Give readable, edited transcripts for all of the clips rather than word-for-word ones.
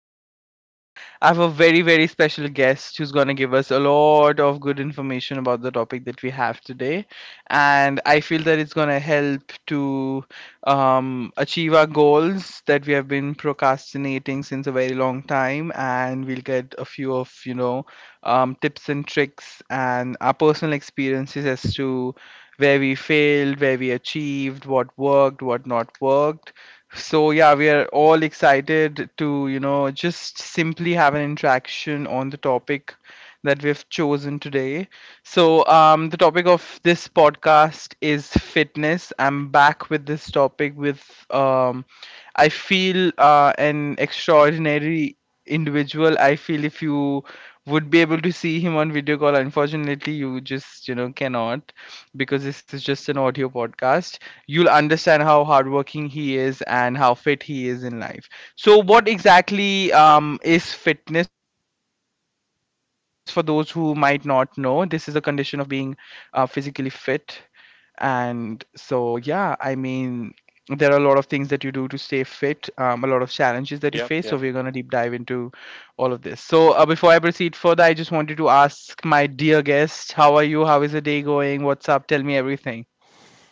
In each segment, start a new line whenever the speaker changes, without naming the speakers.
one is because I have a very special guest who's gonna give us a lot of good information about the topic that we have today, and I feel that it's gonna help to achieve our goals that we have been procrastinating since a very long time, and we'll get a few of tips and tricks and our personal experiences as to where we failed, where we achieved, what worked, what not worked. So yeah, we are all excited to, just simply have an interaction on the topic that we've chosen today. So, the topic of this podcast is fitness. I'm back with this topic with I feel an extraordinary individual. I feel if you would be able to see him on video call, unfortunately, you just cannot because this is just an audio podcast, you'll understand how hardworking he is and how fit he is in life. So, what exactly is fitness for those who might not know? This is the condition of being physically fit. And so, yeah, I mean, there are a lot of things that you do to stay fit, a lot of challenges that you face. So,
Yep,
we're going
yeah.
to deep dive into all of this. So, before I proceed further, I just wanted to ask my dear guest, how are you? How is the day going? What's up? Tell me everything.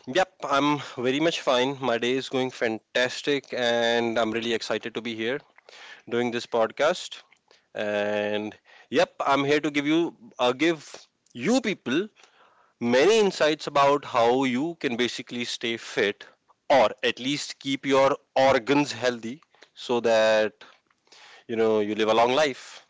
Yep, I'm very much fine. My day is going fantastic, and I'm really excited to be here doing this podcast. And yep, I'm here to give you people many insights about how you can basically stay fit, or at least keep your organs healthy so that you live a long life.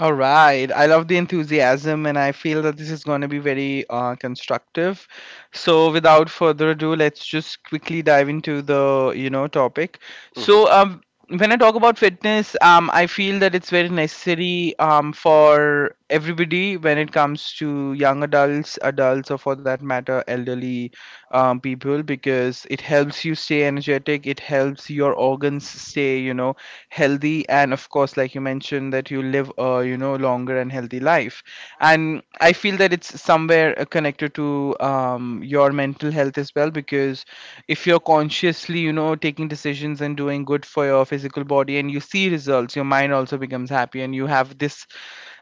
All right. I love the enthusiasm, and I feel that this is going to be very constructive. So, without further ado, let's just quickly dive into the topic.
Mhm.
So, when I talk about fitness, I feel that it's very necessary for everybody when it comes to young adults, adults, or for that matter, elderly people because it helps you stay energetic, it helps your organs stay healthy, and of course like you mentioned that you live a longer and healthy life. And I feel that it's somewhere connected to your mental health as well, because if you're consciously taking decisions and doing good for your physical body and you see results, your mind also becomes happy and you have this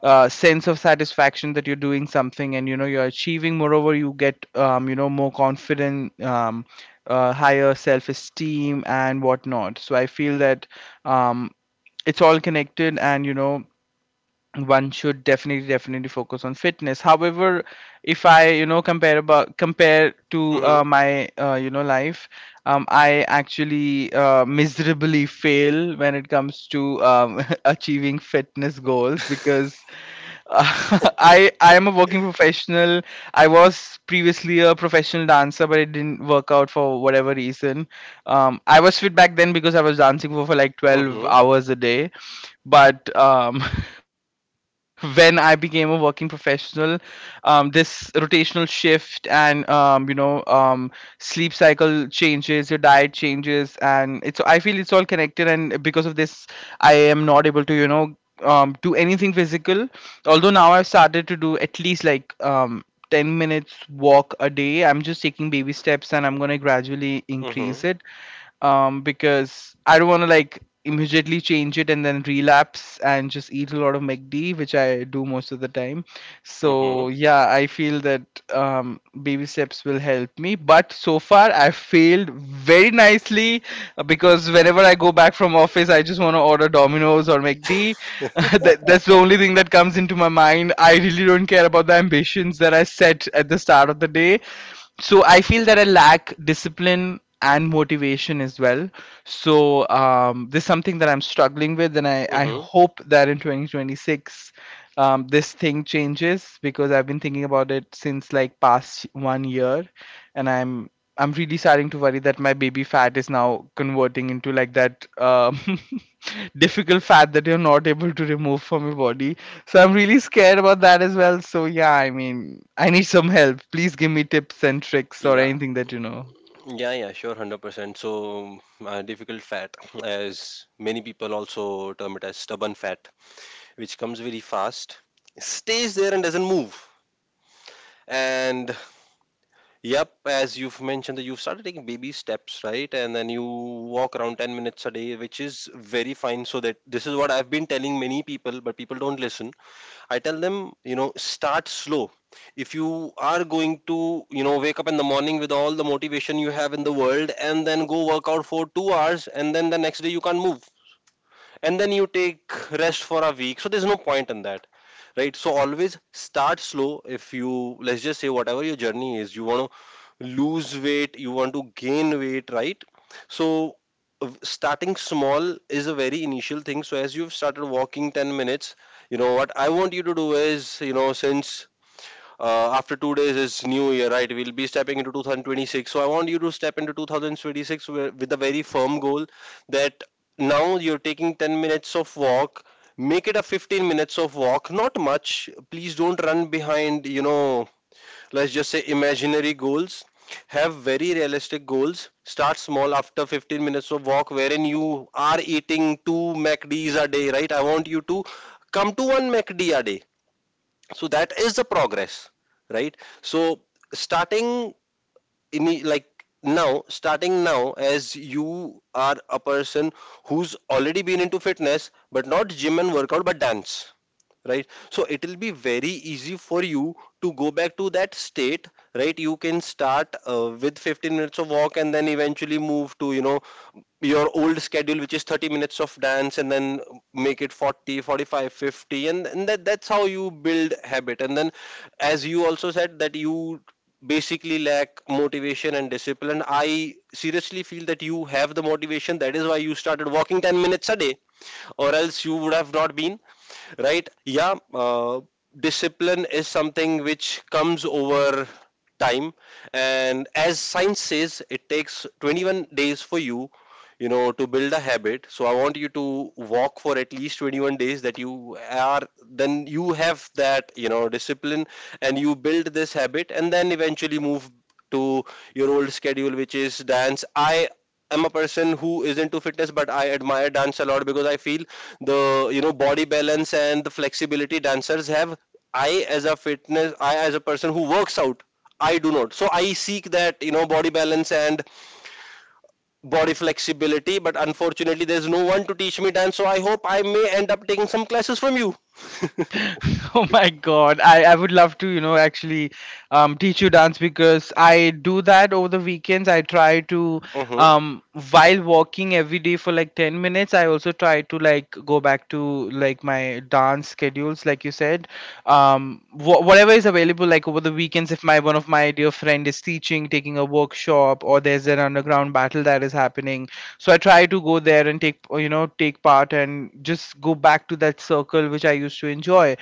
sense of satisfaction that you're doing something, and you're achieving. Moreover, you get more confident, higher self-esteem and whatnot. So I feel that um, it's all connected, and one should definitely focus on fitness. However, if I compare to
Mhm.
my life, I actually miserably fail when it comes to achieving fitness goals because I am a working professional. I was previously a professional dancer, but it didn't work out for whatever reason. I was fit back then because I was dancing for, like twelve
Mhm.
hours a day. But when I became a working professional, this rotational shift and sleep cycle changes, your diet changes, and it's I feel it's all connected. And because of this, I am not able to do anything physical. Although now I've started to do at least like 10 minutes walk a day. I'm just taking baby steps and I'm going to gradually
Mhm.
increase it because I don't want to like immediately change it and then relapse and just eat a lot of McD, which I do most of the time.
Mhm.
So yeah, I feel that baby steps will help me. But so far, I failed very nicely because whenever I go back from office, I just want to order Domino's or McD. That's the only thing that comes into my mind. I really don't care about the ambitions that I set at the start of the day. So I feel that I lack discipline and motivation as well. So, this is something that I'm struggling with, and I
Mhm.
hope that in 2026 this thing changes because I've been thinking about it since like past 1 year, and I'm really starting to worry that my baby fat is now converting into like that difficult fat that you're not able to remove from your body. So I'm really scared about that as well. So yeah, I mean, I need some help. Please give me tips and tricks or anything that you know.
Yeah, yeah, sure, 100%. So, difficult fat, as many people also term it as stubborn fat, which comes very fast, stays there, and doesn't move. And yep, as you've mentioned, that you've started taking baby steps, right? And then you walk around 10 minutes a day, which is very fine. So, that this is what I've been telling many people, but people don't listen. I tell them, start slow. If you are going to, wake up in the morning with all the motivation you have in the world and then go work out for 2 hours, and then the next day you can't move, and then you take rest for a week, so there's no point in that, right? So always start slow. If you, let's just say, whatever your journey is, you want to lose weight, you want to gain weight, right? So starting small is a very initial thing. So as you've started walking 10 minutes, you know what I want you to do is, since after 2 days is new year, right? We'll be stepping into 2026, so I want you to step into 2026 with a very firm goal. That now you're taking 10 minutes of walk, make it a 15 minutes of walk. Not much, please don't run behind, let's just say, imaginary goals. Have very realistic goals. Start small. After 15 minutes of walk, wherein you are eating two mcd's a day, right? I want you to come to one mcd a day. So that is the progress, right? So starting like, now, starting now, as you are a person who's already been into fitness but not gym and workout but dance, right? So it will be very easy for you to go back to that state, right? You can start with 15 minutes of walk, and then eventually move to your old schedule, which is 30 minutes of dance, and then make it 40 45 50, and that's how you build habit. And then as you also said that you basically lack motivation and discipline, I seriously feel that you have the motivation. That is why you started walking 10 minutes a day, or else you would have not been, right? Yeah. Discipline is something which comes over time. And as science says, it takes 21 days for you, you know to build a habit. So I want you to walk for at least 21 days, that you are, then you have that, discipline, and you build this habit, and then eventually move to your old schedule, which is dance. I am a person who is into fitness, but I admire dance a lot, because I feel the, body balance, and the flexibility dancers have. I, as a person who works out, I do not. So I seek that body balance and body flexibility. But unfortunately there's no one to teach me dance, so I hope I may end up taking some classes from you.
Oh my God. I would love to, you know, actually, teach you dance because I do that over the weekends.
Mhm.
Um, while walking every day for like 10 minutes, I also try to like go back to like my dance schedules, like you said. Whatever is available, like over the weekends, if my one of my dear friend is teaching, taking a workshop, or there's an underground battle that is happening, so I try to go there and take, you know, take part and just go back to that circle which I used to enjoy.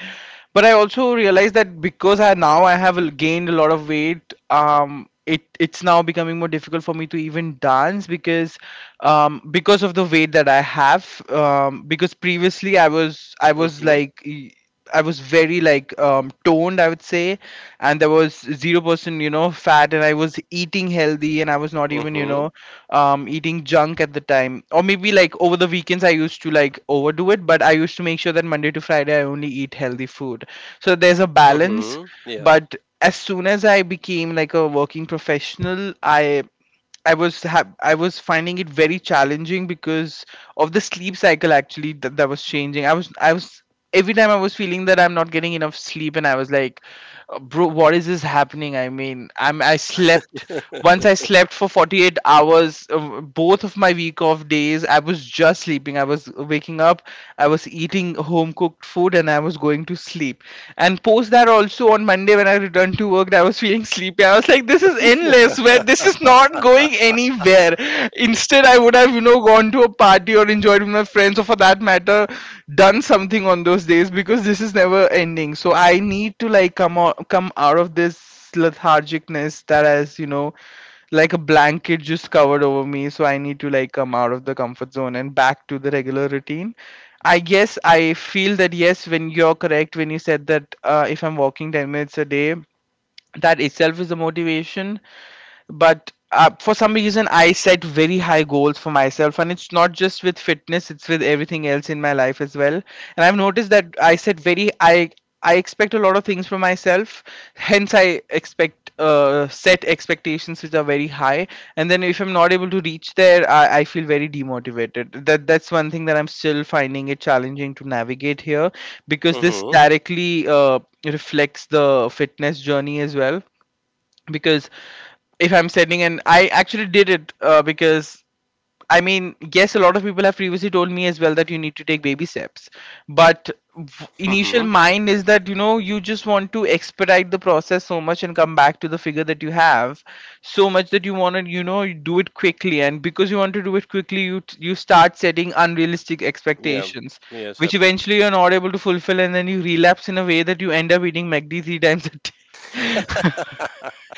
But I also realized that because I now I have gained a lot of weight, it it's now becoming more difficult for me to even dance because of the weight that I have. Because previously
Mhm.
I was very like toned, I would say, and there was 0% fat, and I was eating healthy and I was not even
Mhm.
eating junk at the time, or maybe like over the weekends I used to like overdo it, but I used to make sure that Monday to Friday I only eat healthy food, so there's a
Mhm.
balance.
Yeah.
But as soon as I became like a working professional, I was I was finding it very challenging because of the sleep cycle actually that, that was changing. I was, every time I was feeling that I'm not getting enough sleep, and I was like, bro, what is this happening? I mean I slept, once I slept for 48 hours, both of my week off days I was just sleeping. I was waking up, I was eating home cooked food and I was going to sleep. And post that also on Monday when I returned to work I was feeling sleepy. I was like, this is endless, where this is not going anywhere. Instead I would have gone to a party or enjoyed with my friends or for that matter done something on those days, because this is never ending. So I need to like come out of this lethargicness that has like a blanket just covered over me. So I need to like come out of the comfort zone and back to the regular routine, I guess. I feel that yes, when you said that if I'm walking 10 minutes a day, that itself is a motivation. But for some reason I set very high goals for myself, and it's not just with fitness, it's with everything else in my life as well. And I've noticed that I set very I expect a lot of things from myself, hence I expect set expectations which are very high. And then if I'm not able to reach there, I feel very demotivated. That, that's one thing that I'm still finding it challenging to navigate here, because this
Mhm.
directly reflects the fitness journey as well. Because if I'm sending an, I actually did it because I mean, yes, a lot of people have previously told me as well that you need to take baby steps, but initial
Mhm.
mind is that you just want to expedite the process so much and come back to the figure that you have so much that you want to you do it quickly, and because you want to do it quickly, you start setting unrealistic
Yeah.
expectations
Yes,
which
happens.
eventually you're not able to fulfill, and then you relapse in a way that you end up eating McD three times a day.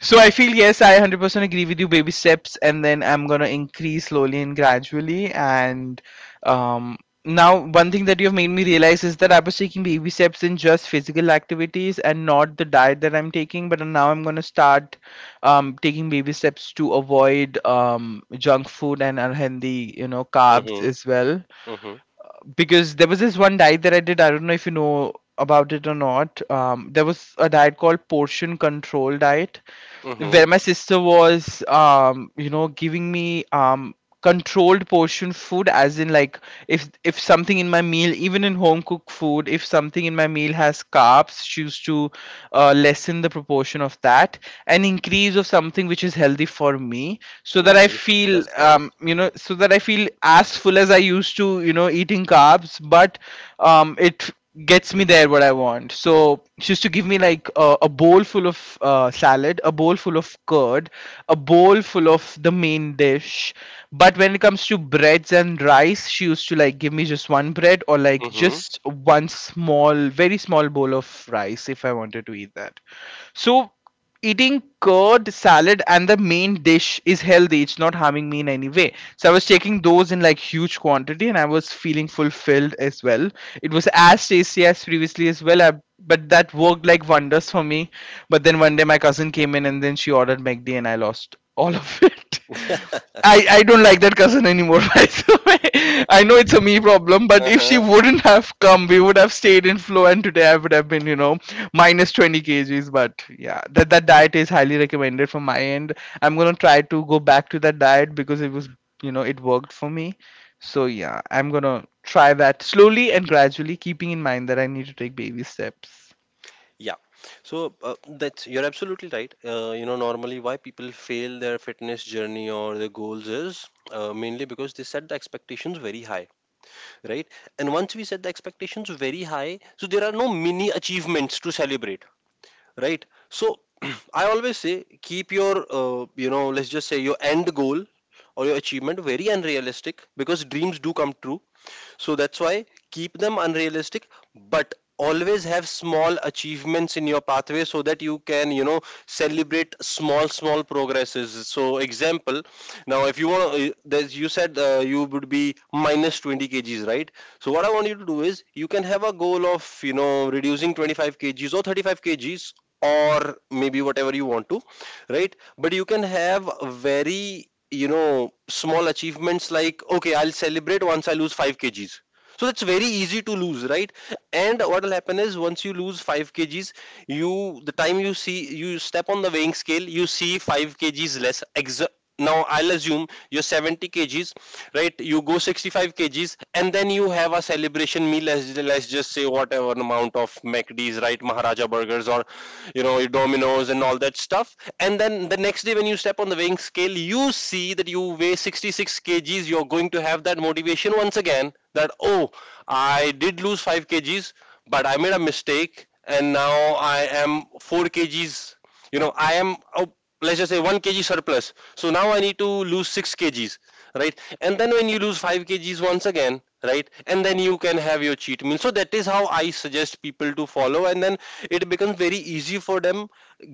So I feel yes, I 100% agree with you. Baby steps, and then I'm gonna increase slowly and gradually. And um, now one thing that you've made me realize is that I was taking baby steps in just physical activities and not the diet that I'm taking. But now I'm gonna start taking baby steps to avoid junk food and unhealthy, you know, carbs
Mhm.
as well.
Mhm.
Because there was this one diet that I did. I don't know if you know about it or not. There was a diet called portion control diet where
Mhm.
my sister was giving me controlled portion food, as in like, if something in my meal, even in home cooked food, if something in my meal has carbs, she used to lessen the proportion of that and increase of something which is healthy for me so that I
Nice.
feel,
That's nice.
so that I feel as full as I used to, you know, eating carbs, but it gets me there what I want. So she used to give me like a bowl full of salad, a bowl full of curd, a bowl full of the main dish. But when it comes to breads and rice, she used to like give me just one bread or like
Mm-hmm.
just one small, very small bowl of rice if I wanted to eat that. So eating curd, salad, and the main dish is healthy, it's not harming me in any way, so I was taking those in like huge quantity and I was feeling fulfilled as well. It was as tasty as previously as well. I, but that worked like wonders for me. But then one day my cousin came in and then she ordered McD and I lost all of it. I don't like that cousin anymore, by the way. I know it's a me problem, but if she
Uh-huh.
wouldn't have come, we would have stayed in flow, and today I would have been, you know, minus 20 kgs. But yeah, that diet is highly recommended from my end. I'm gonna try to go back to that diet because it was, you know, it worked for me. So yeah, I'm gonna try that slowly and gradually, keeping in mind that I need to take baby steps.
Yeah. So that's you're absolutely right. Normally why people fail their fitness journey or their goals is mainly because they set the expectations very high, right? And once we set the expectations very high, so there are no mini achievements to celebrate, right? So I always say, keep your let's just say, your end goal or your achievement very unrealistic, because dreams do come true. So that's why keep them unrealistic, but always have small achievements in your pathway so that you can celebrate small small progresses. So, example, now if you want, there's you said you would be minus 20 kgs, right? So what I want you to do is, you can have a goal of reducing 25 kgs or 35 kgs, or maybe whatever you want to, right? But you can have very small achievements, like, okay, I'll celebrate once I lose 5 kgs. So that's very easy to lose, right? And what will happen is, once you lose 5 kgs, you the time you see, you step on the weighing scale, you see 5 kgs less. Now I'll assume you're 70 kgs, right? You go 65 kgs, and then you have a celebration meal. Let's just say whatever amount of mcd's, right? Maharaja burgers, or your dominoes and all that stuff. And then the next day when you step on the weighing scale, you see that you weigh 66 kgs, you're going to have that motivation once again, that, oh, I did lose 5 kgs, but I made a mistake, and now I am 4 kgs. You know I am Oh, let's just say 1 kg surplus. So now I need to lose 6 kgs, right? And then when you lose 5 kgs once again, right? And then you can have your cheat meal. So that is how I suggest people to follow, and then it becomes very easy for them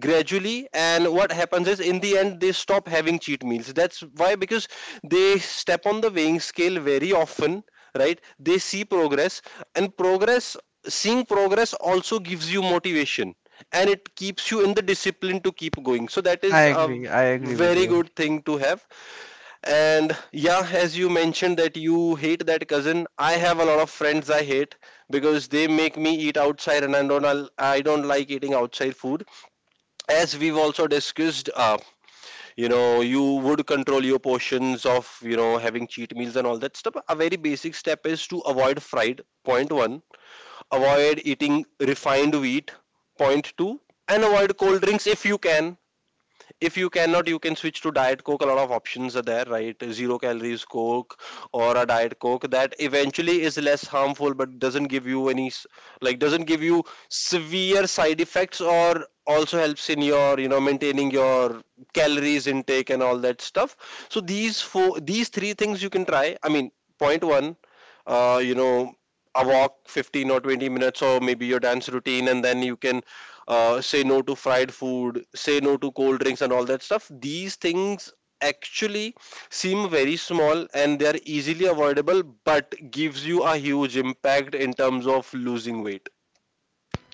gradually. And what happens is, in the end, they stop having cheat meals. That's why, because they step on the weighing scale very often, right? They see progress, and progress. Seeing progress also gives you motivation, and it keeps you in the discipline to keep going. So that is a
I agree with
very
you.
good thing to have. And yeah, as you mentioned that you hate that cousin, I have a lot of friends I hate, because they make me eat outside, and I don't I don't like eating outside food. As we've also discussed, you would control your portions of having cheat meals and all that stuff. A very basic step is to avoid fried. Point one, avoid eating refined wheat. Point two, and avoid cold drinks if you can. If you cannot, you can switch to diet coke. A lot of options are there, right? Zero calories coke or a diet coke that eventually is less harmful, but doesn't give you any like, doesn't give you severe side effects, or also helps in your maintaining your calories intake and all that stuff. So these three things you can try. I mean, point one, uh, you know a walk 15 or 20 minutes, or maybe your dance routine, and then you can say no to fried food, say no to cold drinks, and all that stuff. These things actually seem very small, and they are easily avoidable, but gives you a huge impact in terms of losing weight.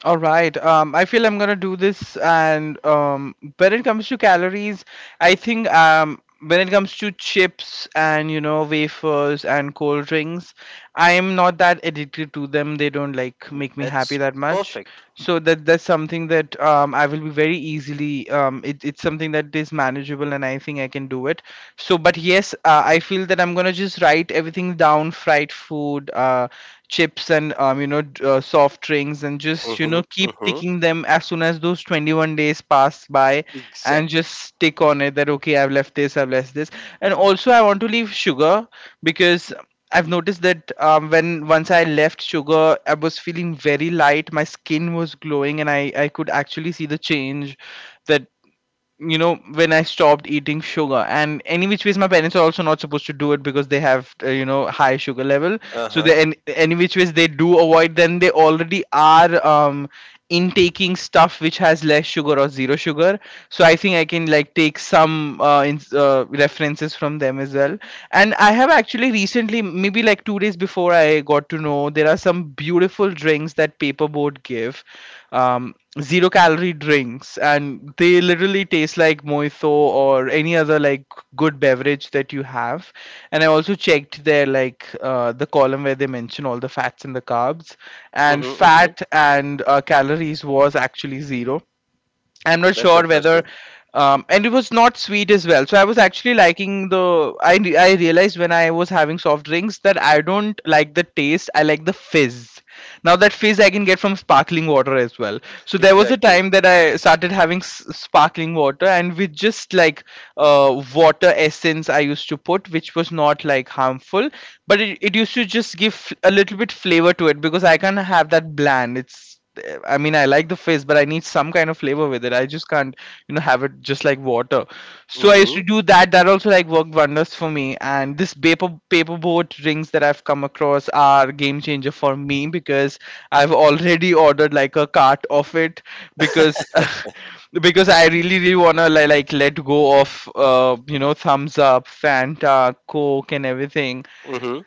All right. I feel I'm gonna do this, and when it comes to calories, I think, when it comes to chips and, you know, wafers and cold drinks, I am not that addicted to them. They don't like make me
That's
happy that much,
perfect.
so that that's something that, I will be very easily. It's something that is manageable, and I think I can do it. So, but yes, I feel that I'm gonna just write everything down: fried food, chips, and, you know, soft drinks, and just, you
Mm-hmm,
know, keep
mm-hmm.
picking them as soon as those 21 days pass by, and
Exactly.
just stick on it. That okay, I've left this, and also I want to leave sugar because I've noticed that, when once I left sugar, I was feeling very light. My skin was glowing, and I could actually see the change, that, you know, when I stopped eating sugar. And any which ways, my parents are also not supposed to do it because they have, you know, high sugar level. So
Uh-huh.
they any which ways they do avoid, then they already are intaking stuff which has less sugar or zero sugar. So I think I can like take some, references from them as well. And I have actually recently, maybe like 2 days before, I got to know there are some beautiful drinks that paperboard give, um zero calorie drinks, and they literally taste like mojito or any other like good beverage that you have. And I also checked their like, the column where they mention all the fats and the carbs and
Mm-hmm, mm-hmm.
fat, and calories was actually zero. I'm not
That's
sure whether,
impressive.
and it was not sweet as well. So I was actually liking the. I realized when I was having soft drinks that I don't like the taste. I like the fizz. Now that fizz I can get from sparkling water as well. So there was a
Exactly.
time that I started having sparkling water, and with just like water essence I used to put, which was not like harmful, but it used to just give a little bit flavor to it because I can't have that bland. It's, I mean, I like the fizz, but I need some kind of flavor with it. I just can't, you know, have it just like water. So I used
Mm-hmm,
to do that. That also like worked wonders for me. And this paperboard drinks that I've come across are game changer for me because I've already ordered like a cart of it because because I really really wanna like let go of, you know, thumbs up, Fanta, Coke, and everything.
mm-hmm.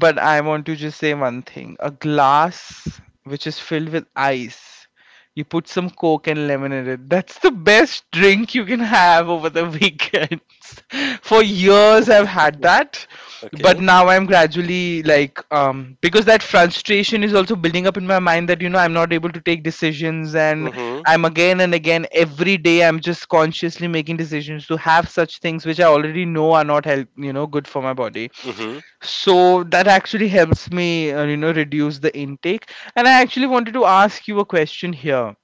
But I want to just say one thing. A glass which is filled with ice. You put some Coke and lemon in it. That's the best drink you can have over the weekends. For years I've had that. But
Okay.
now I'm gradually like, because that frustration is also building up in my mind, that, you know, I'm not able to take decisions. And
Mm-hmm,
I'm again and again, every day I'm just consciously making decisions to have such things which I already know are not help, you know, good for my body.
mm-hmm.
So that actually helps me, you know, reduce the intake. And I actually wanted to ask you a question here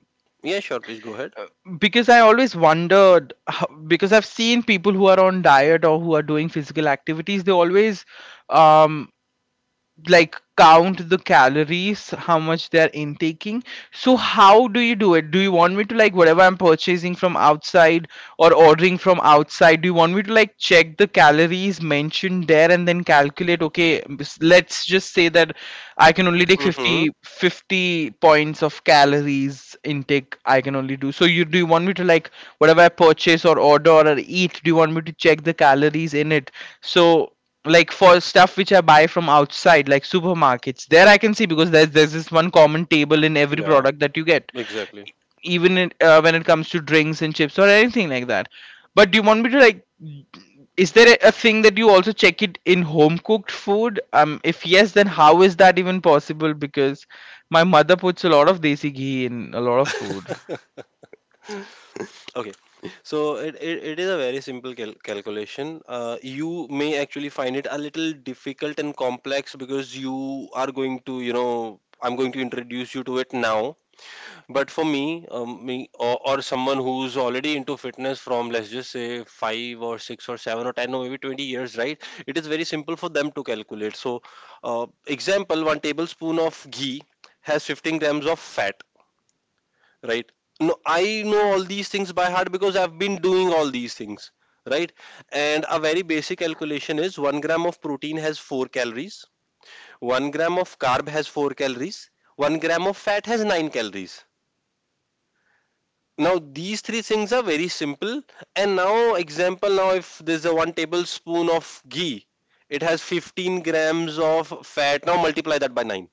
Yeah, sure, please go ahead.
because I always wondered how, because I've seen people who are on diet or who are doing physical activities, they always um like count the calories how much they're intaking. So how do you do it? Do you want me to, like, whatever I'm purchasing from outside or ordering from outside, do you want me to like check the calories mentioned there and then calculate, okay, let's just say that I can only take
Mm-hmm.
50 50 points of calories intake, I can only do. So you, do you want me to like, whatever I purchase or order or eat, do you want me to check the calories in it? So like, for stuff which I buy from outside, like supermarkets. There I can see because there's this one common table in every
Yeah,
product that you get,
exactly.
E- even in, when it comes to drinks and chips or anything like that. But do you want me to like? Is there a thing that you also check it in home cooked food? If yes, then how is that even possible? Because my mother puts a lot of desi ghee in a lot of food,
Okay, so it is a very simple calculation. You may actually find it a little difficult and complex, because you are going to, I'm going to introduce you to it now. But for me, me or someone who's already into fitness from, let's just say, 5 or 6 or 7 or 10 or maybe 20 years, right? It is very simple for them to calculate. So, example, one tablespoon of ghee has 15 grams of fat, right? No, I know all these things by heart, because I've been doing all these things, right? And a very basic calculation is, 1 gram of protein has 4 calories, 1 gram of carb has 4 calories, 1 gram of fat has 9 calories. Now, these three things are very simple. And now, example, now if there's a 1 tablespoon of ghee, it has 15 grams of fat, now multiply that by 9,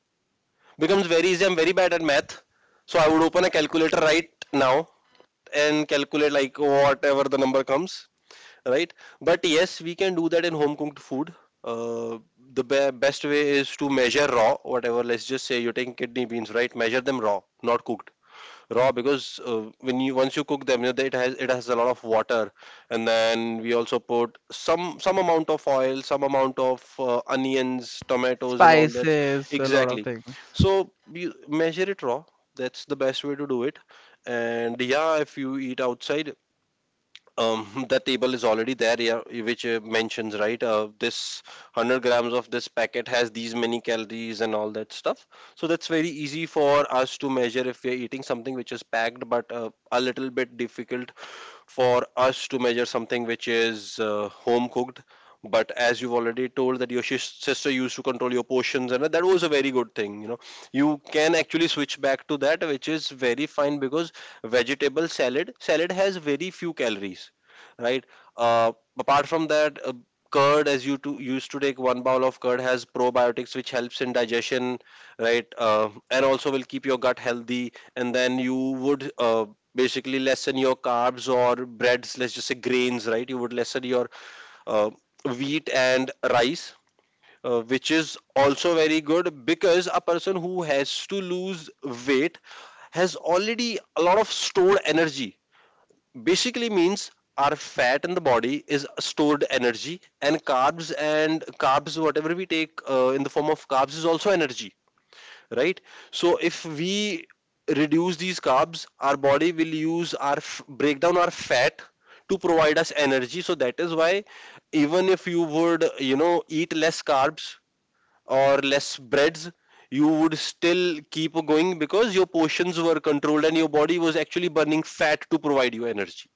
becomes very easy. I'm very bad at math, so I would open a calculator, right now, and calculate like whatever the number comes, right? But yes, we can do that in home cooked food. The best way is to measure raw, whatever. Let's just say you're taking kidney beans, right? Measure them raw, not cooked raw because when you once you cook them, you know, it has a lot of water. And then we also put some amount of oil, some amount of onions, tomatoes and all that.
spices, a lot of
Exactly,
things.
so you measure it raw. That's the best way to do it. And yeah, if you eat outside, the table is already there, yeah, which mentions, right, this 100 grams of this packet has these many calories and all that stuff. So that's very easy for us to measure if we are eating something which is packed, but a little bit difficult for us to measure something which is home cooked. But as you've already told that your sister used to control your portions, and that was a very good thing. You know, you can actually switch back to that, which is very fine because vegetable salad has very few calories, right? Uh, Apart from that, curd, as you to used to take one bowl of curd, has probiotics which helps in digestion, right? And also will keep your gut healthy. And then you would basically lessen your carbs or breads, let's just say grains, right? You would lessen your uh, wheat and rice, which is also very good because a person who has to lose weight has already a lot of stored energy. Basically means our fat in the body is stored energy, and carbs, whatever we take in the form of carbs, is also energy, right? So if we reduce these carbs, our body will use our break down our fat to provide us energy. So that is why even if you would, you know, eat less carbs or less breads, you would still keep going, because your portions were controlled and your body was actually burning fat to provide you energy.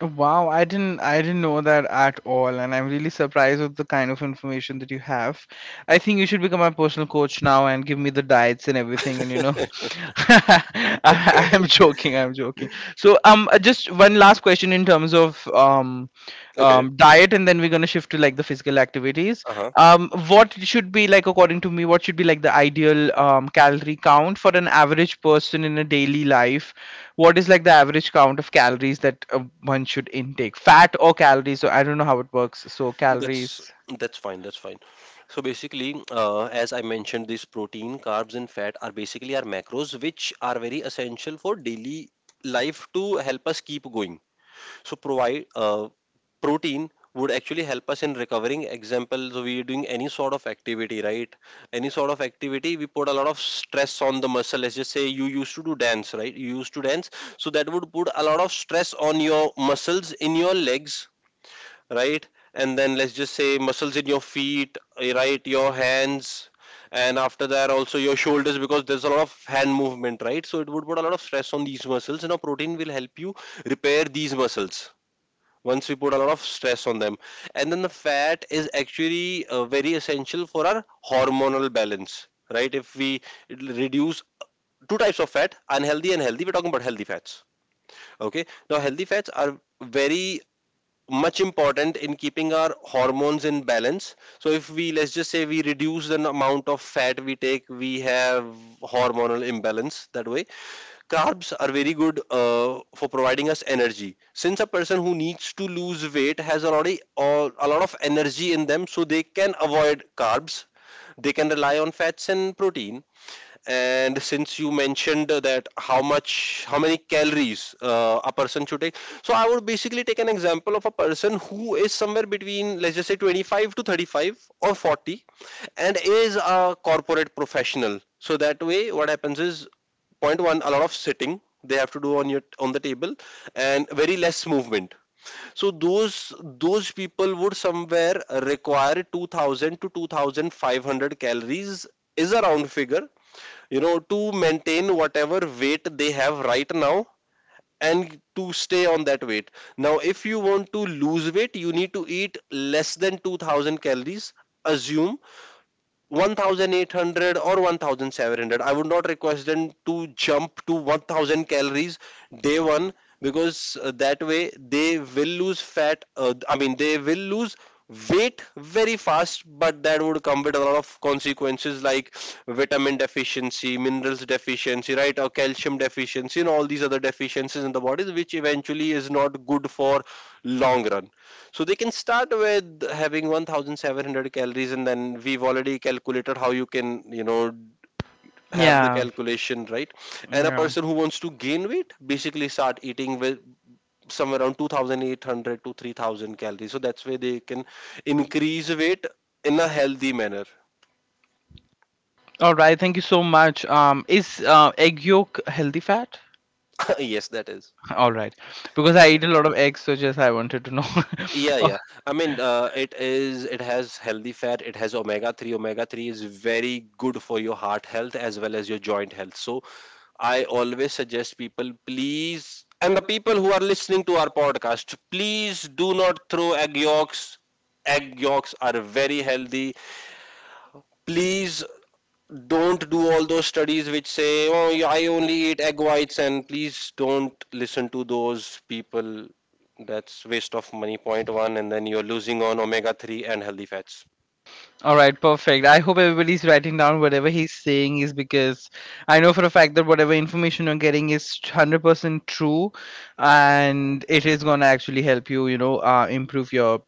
Wow, I didn't know that at all, and I'm really surprised with the kind of information that you have. I think you should become my personal coach now and give me the diets and everything, and you know, I'm joking, I'm joking. So just one last question in terms of diet, and then we're going to shift to like the physical activities.
Uh huh.
What should be like, according to me, what should be like the ideal, calorie count for an average person in a daily life? What is like the average count of calories that one should intake, fat or calories? So I don't know how it works, so
That's
calories.
that's fine. That's fine. So basically, as I mentioned, this protein, carbs, and fat are basically our macros, which are very essential for daily life to help us keep going. So provide protein would actually help us in recovering. Example, so we are doing any sort of activity, right? Any sort of activity, we put a lot of stress on the muscle. Let's just say you used to do dance, right? You used to dance, so that would put a lot of stress on your muscles in your legs, right? And then let's just say muscles in your feet, eh, right? Your hands, and after that also your shoulders, because there's a lot of hand movement, right? So it would put a lot of stress on these muscles, and a protein will help you repair these muscles once we put a lot of stress on them. And then the fat is actually very essential for our hormonal balance, right? If we reduce, two types of fat, unhealthy and healthy, we're talking about healthy fats. Okay, now healthy fats are very much important in keeping our hormones in balance. So if we, let's just say we reduce the amount of fat we take, we have hormonal imbalance that way. Carbs are very good for providing us energy. Since a person who needs to lose weight has already a lot of energy in them, so they can avoid carbs. They can rely on fats and protein. And since you mentioned that how much, how many calories a person should take, so I would basically take an example of a person who is somewhere between, let's just say, 25 to 35 or 40, and is a corporate professional. So that way, what happens is point one, a lot of sitting they have to do on your on the table, and very less movement. So those people would somewhere require 2000 to 2500 calories, is a round figure, you know, to maintain whatever weight they have right now and to stay on that weight. Now, if you want to lose weight, you need to eat less than 2000 calories. Assume 1800 or 1700. I would not request them to jump to 1000 calories day one, because that way they will lose fat, I mean they will lose weight very fast, but that would come with a lot of consequences like vitamin deficiency, minerals deficiency, right, or calcium deficiency and all these other deficiencies in the body, which eventually is not good for long run. So they can start with having 1700 calories, and then we've already calculated how you can, you know, have the
Yeah,
calculation right. And a
yeah.
person who wants to gain weight basically start eating with somewhere around 2800 to 3000 calories. So that's where they can increase weight in a healthy manner.
All right, thank you so much. Is, egg yolk healthy fat?
Yes, that is.
All right, because I
Yeah,
eat a lot of eggs, so just I wanted to know.
yeah, yeah. I mean, it is. It has healthy fat. It has omega three. Omega three is very good for your heart health as well as your joint health. So I always suggest people, please, and the people who are listening to our podcast, please do not throw egg yolks. Egg yolks are very healthy. Please don't do all those studies which say, oh, yeah, I only eat egg whites, and please don't listen to those people. That's waste of money, point one, and then you're losing on omega 3 and healthy fats.
All right, perfect. I hope everybody's writing down whatever he's saying is, because I know for a fact that whatever information you're getting is 100% true and it is going to actually help you, you know, improve your,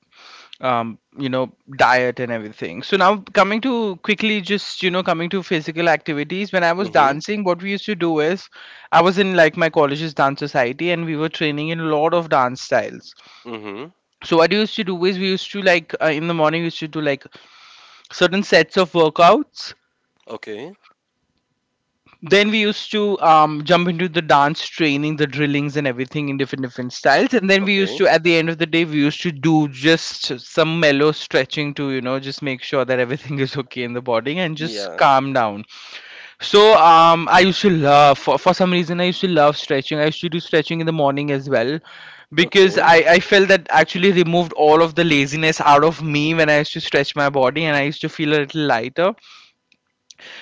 you know, diet and everything. So now coming to quickly, just, you know, coming to physical activities. When I was
Mm
dancing, what we used to do is, I was in like my college's dance society, and we were training in a lot of dance styles.
hmm. Mm
So what we used to do is we used to like, in the morning, we used to do like certain sets of workouts.
hmm. Okay.
Then we used to jump into the dance training, the drillings, and everything in different different styles. And then we used
Okay.
to, at the end of the day, we used to do just some mellow stretching to, you know, just make sure that everything is okay in the body and just
Yeah.
calm down. So I used to love, for some reason, I used to love stretching. I used to do stretching in the morning as well
Okay.
because I felt that actually removed all of the laziness out of me when I used to stretch my body and I used to feel a little lighter.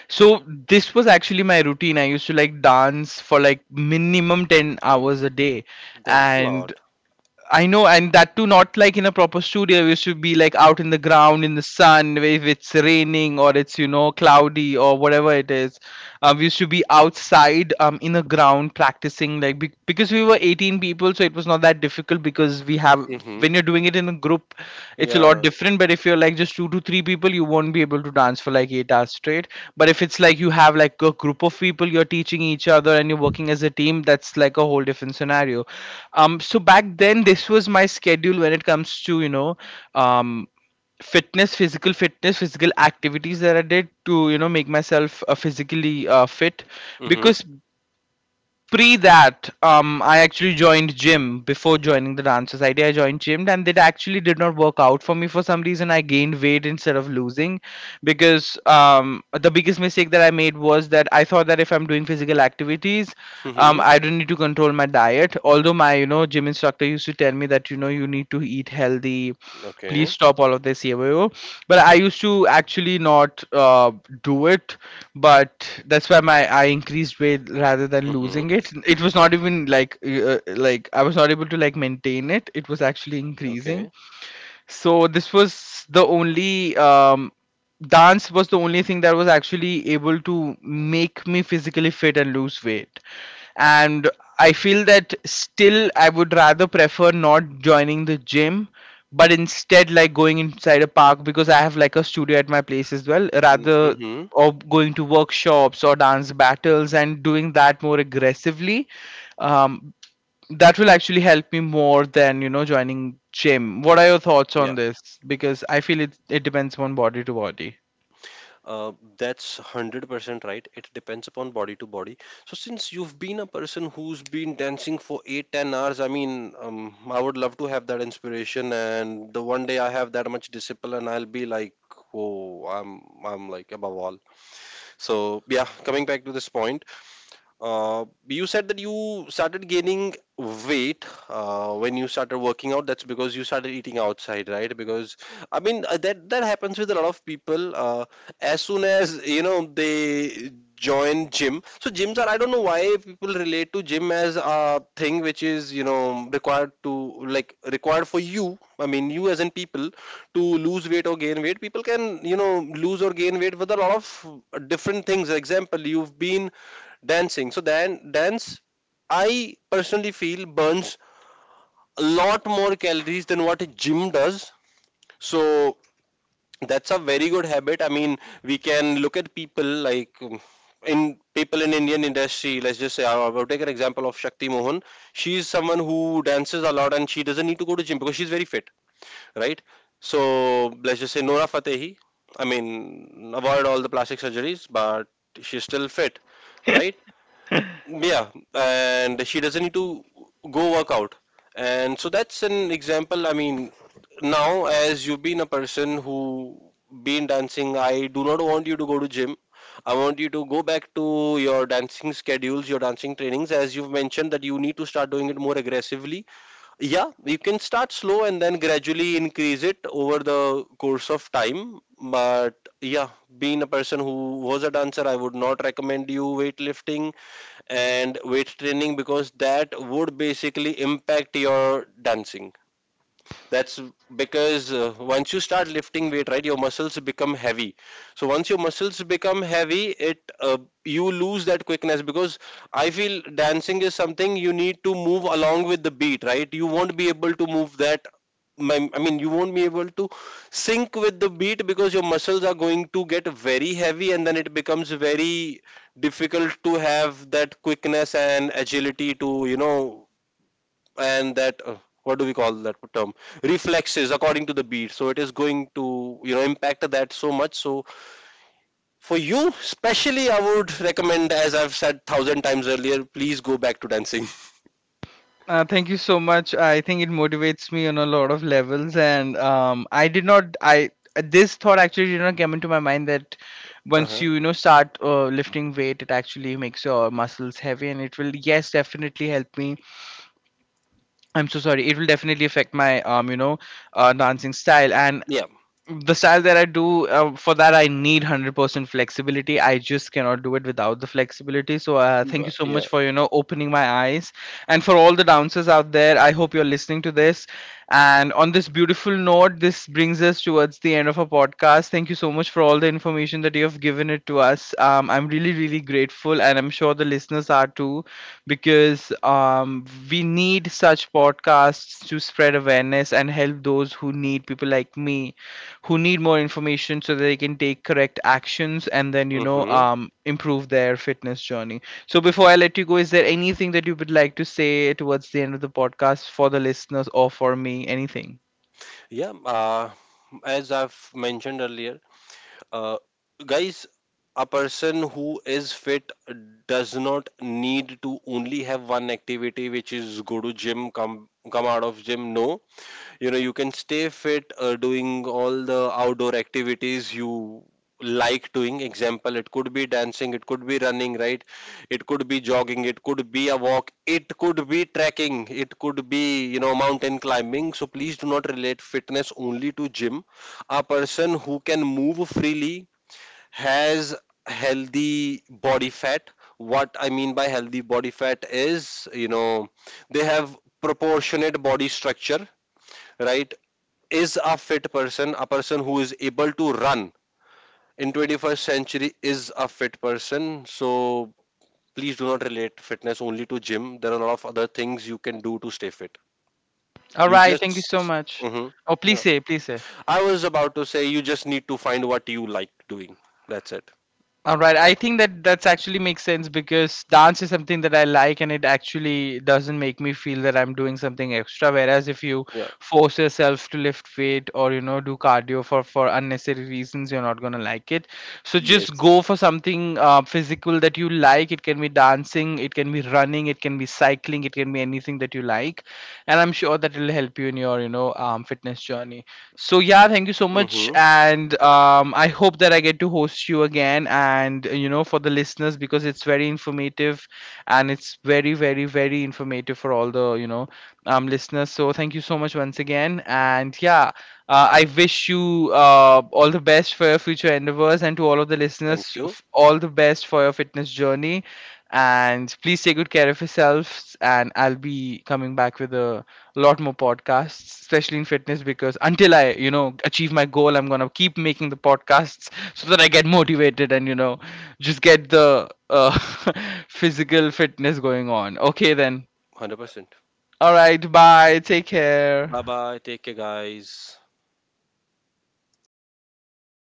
So this was actually my routine. I used to like dance for like minimum 10 hours a day.
That's a
And
lot.
I know, and that too not like in a proper studio. We used to be like out in the ground in the sun where if it's raining or it's, you know, cloudy or whatever it is. We used to be outside in the ground practicing because we were 18 people. So it was not that difficult because we have,
Mm hmm.
when you're doing it in a group, it's a lot
Yeah.
different. But if you're like just two to three people, you won't be able to dance for like 8 hours straight. But if it's like you have like a group of people, you're teaching each other and you're working as a team, that's like a whole different scenario. So back then, this was my schedule when it comes to, you know, um, fitness physical activities that I did to, you know, make myself physically fit.
Mm-hmm.
Because pre that, I actually joined gym before joining the dance society. I joined gym and it actually did not work out for me. For some reason, I gained weight instead of losing, because the biggest mistake that I made was that I thought that if I'm doing physical activities,
Mm-hmm.
I don't need to control my diet. Although my, you know, gym instructor used to tell me that, you know, you need to eat healthy, please
Okay.
stop all of this yebo. But I used to actually not do it. But that's why my I increased weight rather than losing
Mm-hmm.
it. It was not even like like, I was not able to like maintain it, it was actually increasing.
Okay.
So this was the only dance was the only thing that was actually able to make me physically fit and lose weight. And I feel that still I would rather prefer not joining the gym, but instead like going inside a park, because I have like a studio at my place as well, rather,
Mm-hmm.
or going to workshops or dance battles and doing that more aggressively. um, that will actually help me more than, you know, joining gym. What are your thoughts on
Yeah.
this? Because I feel it depends on body to body.
Uh, that's 100% right. It depends upon body to body. So since you've been a person who's been dancing for 8 10 hours, I mean, I would love to have that inspiration, and the one day I have that much discipline, I'll be like, oh, I'm like above all." So, yeah, coming back to this point, you said that you started gaining weight when you started working out. That's because you started eating outside, right? Because I mean, that happens with a lot of people. As soon as, you know, they join gym, so gyms are, I don't know why people relate to gym as a thing which is, you know, required to, like, required for you, I mean you as in people, to lose weight or gain weight. People can, you know, lose or gain weight with a lot of different things. Example, you've been dancing, so then dance, I personally feel, burns a lot more calories than what a gym does. So that's a very good habit. I mean, we can look at people like in people in Indian industry. Let's just say I will take an example of Shakti Mohan. She's someone who dances a lot and she doesn't need to go to gym because she's very fit, right? So let's just say Nora Fatehi. I mean, avoid all the plastic surgeries, but she's still fit, right? Yeah, and she doesn't need to go work out. And so that's an example. I mean, now as you've been a person who been dancing, I do not want you to go to gym. I want you to go back to your dancing schedules, your dancing trainings, as you've mentioned that you need to start doing it more aggressively. Yeah, you can start slow and then gradually increase it over the course of time. But yeah, being a person who was a dancer, I would not recommend you weightlifting and weight training, because that would basically impact your dancing. That's because once you start lifting weight, right, your muscles become heavy. So once your muscles become heavy, it you lose that quickness. Because I feel dancing is something you need to move along with the beat, right? You won't be able to move that, I mean, you won't be able to sync with the beat because your muscles are going to get very heavy, and then it becomes very difficult to have that quickness and agility to, you know, and that what do we call that term, reflexes according to the beat. So it is going to, you know, impact that so much. So for you especially, I would recommend, as I've said thousand times earlier, please go back to dancing.
Thank you so much. I think it motivates me on a lot of levels, and I did not. I this thought actually did not come into my mind that once
Uh-huh.
you, you know, start lifting weight, it actually makes your muscles heavy, and it will yes definitely help me. I'm so sorry. It will definitely affect my you know, dancing style, and
Yeah,
the style that I do, for that I need 100% flexibility. I just cannot do it without the flexibility. So thank you so
yeah.
much for, you know, opening my eyes and for all the dancers out there. I hope you're listening to this. And on this beautiful note, this brings us towards the end of our podcast. Thank you so much for all the information that you have given it to us. I'm really, really grateful, and I'm sure the listeners are too, because we need such podcasts to spread awareness and help those who need people like me, who need more information so that they can take correct actions and then, you know,
Mm-hmm.
improve their fitness journey. So before I let you go, is there anything that you would like to say towards the end of the podcast for the listeners or for me? Anything?
Yeah. As I've mentioned earlier, uh, guys, a person who is fit does not need to only have one activity, which is go to gym, come out of gym. No, you know, you can stay fit doing all the outdoor activities you like doing. Example, it could be dancing, it could be running, right? It could be jogging, it could be a walk, it could be trekking, it could be, you know, mountain climbing. So please do not relate fitness only to gym. A person who can move freely has healthy body fat. What I mean by healthy body fat is, you know, they have proportionate body structure, right, is a fit person. A person who is able to run in 21st century is a fit person. So please do not relate fitness only to gym. There are a lot of other things you can do to stay fit.
All
You
right. Thank you so
just,
much.
hmm.
Oh, please
Yeah,
say, please say.
I was about to say, you just need to find what you like doing. That's it.
All right, I think that that's actually makes sense, because dance is something that I like and it actually doesn't make me feel that I'm doing something extra. Whereas if you
Yeah.
force yourself to lift weight or, you know, do cardio for unnecessary reasons, you're not gonna like it. So just
Yes.
go for something physical that you like. It can be dancing, it can be running, it can be cycling, it can be anything that you like, and I'm sure that it'll help you in your, you know, fitness journey. So yeah, thank you so much,
Mm-hmm.
and I hope that I get to host you again, and you know, for the listeners, because it's very informative, and it's very, very, very informative for all the, you know, listeners. So thank you so much once again. And yeah, I wish you all the best for your future endeavors, and to all of the
Thank
listeners,
you.
all the best for your fitness journey. And please take good care of yourselves. And I'll be coming back with a lot more podcasts, especially in fitness, because until I, you know, achieve my goal, I'm gonna keep making the podcasts so that I get motivated, and, you know, just get the physical fitness going on. Okay then.
100%.
All right. Bye. Take care.
Bye bye, take care guys.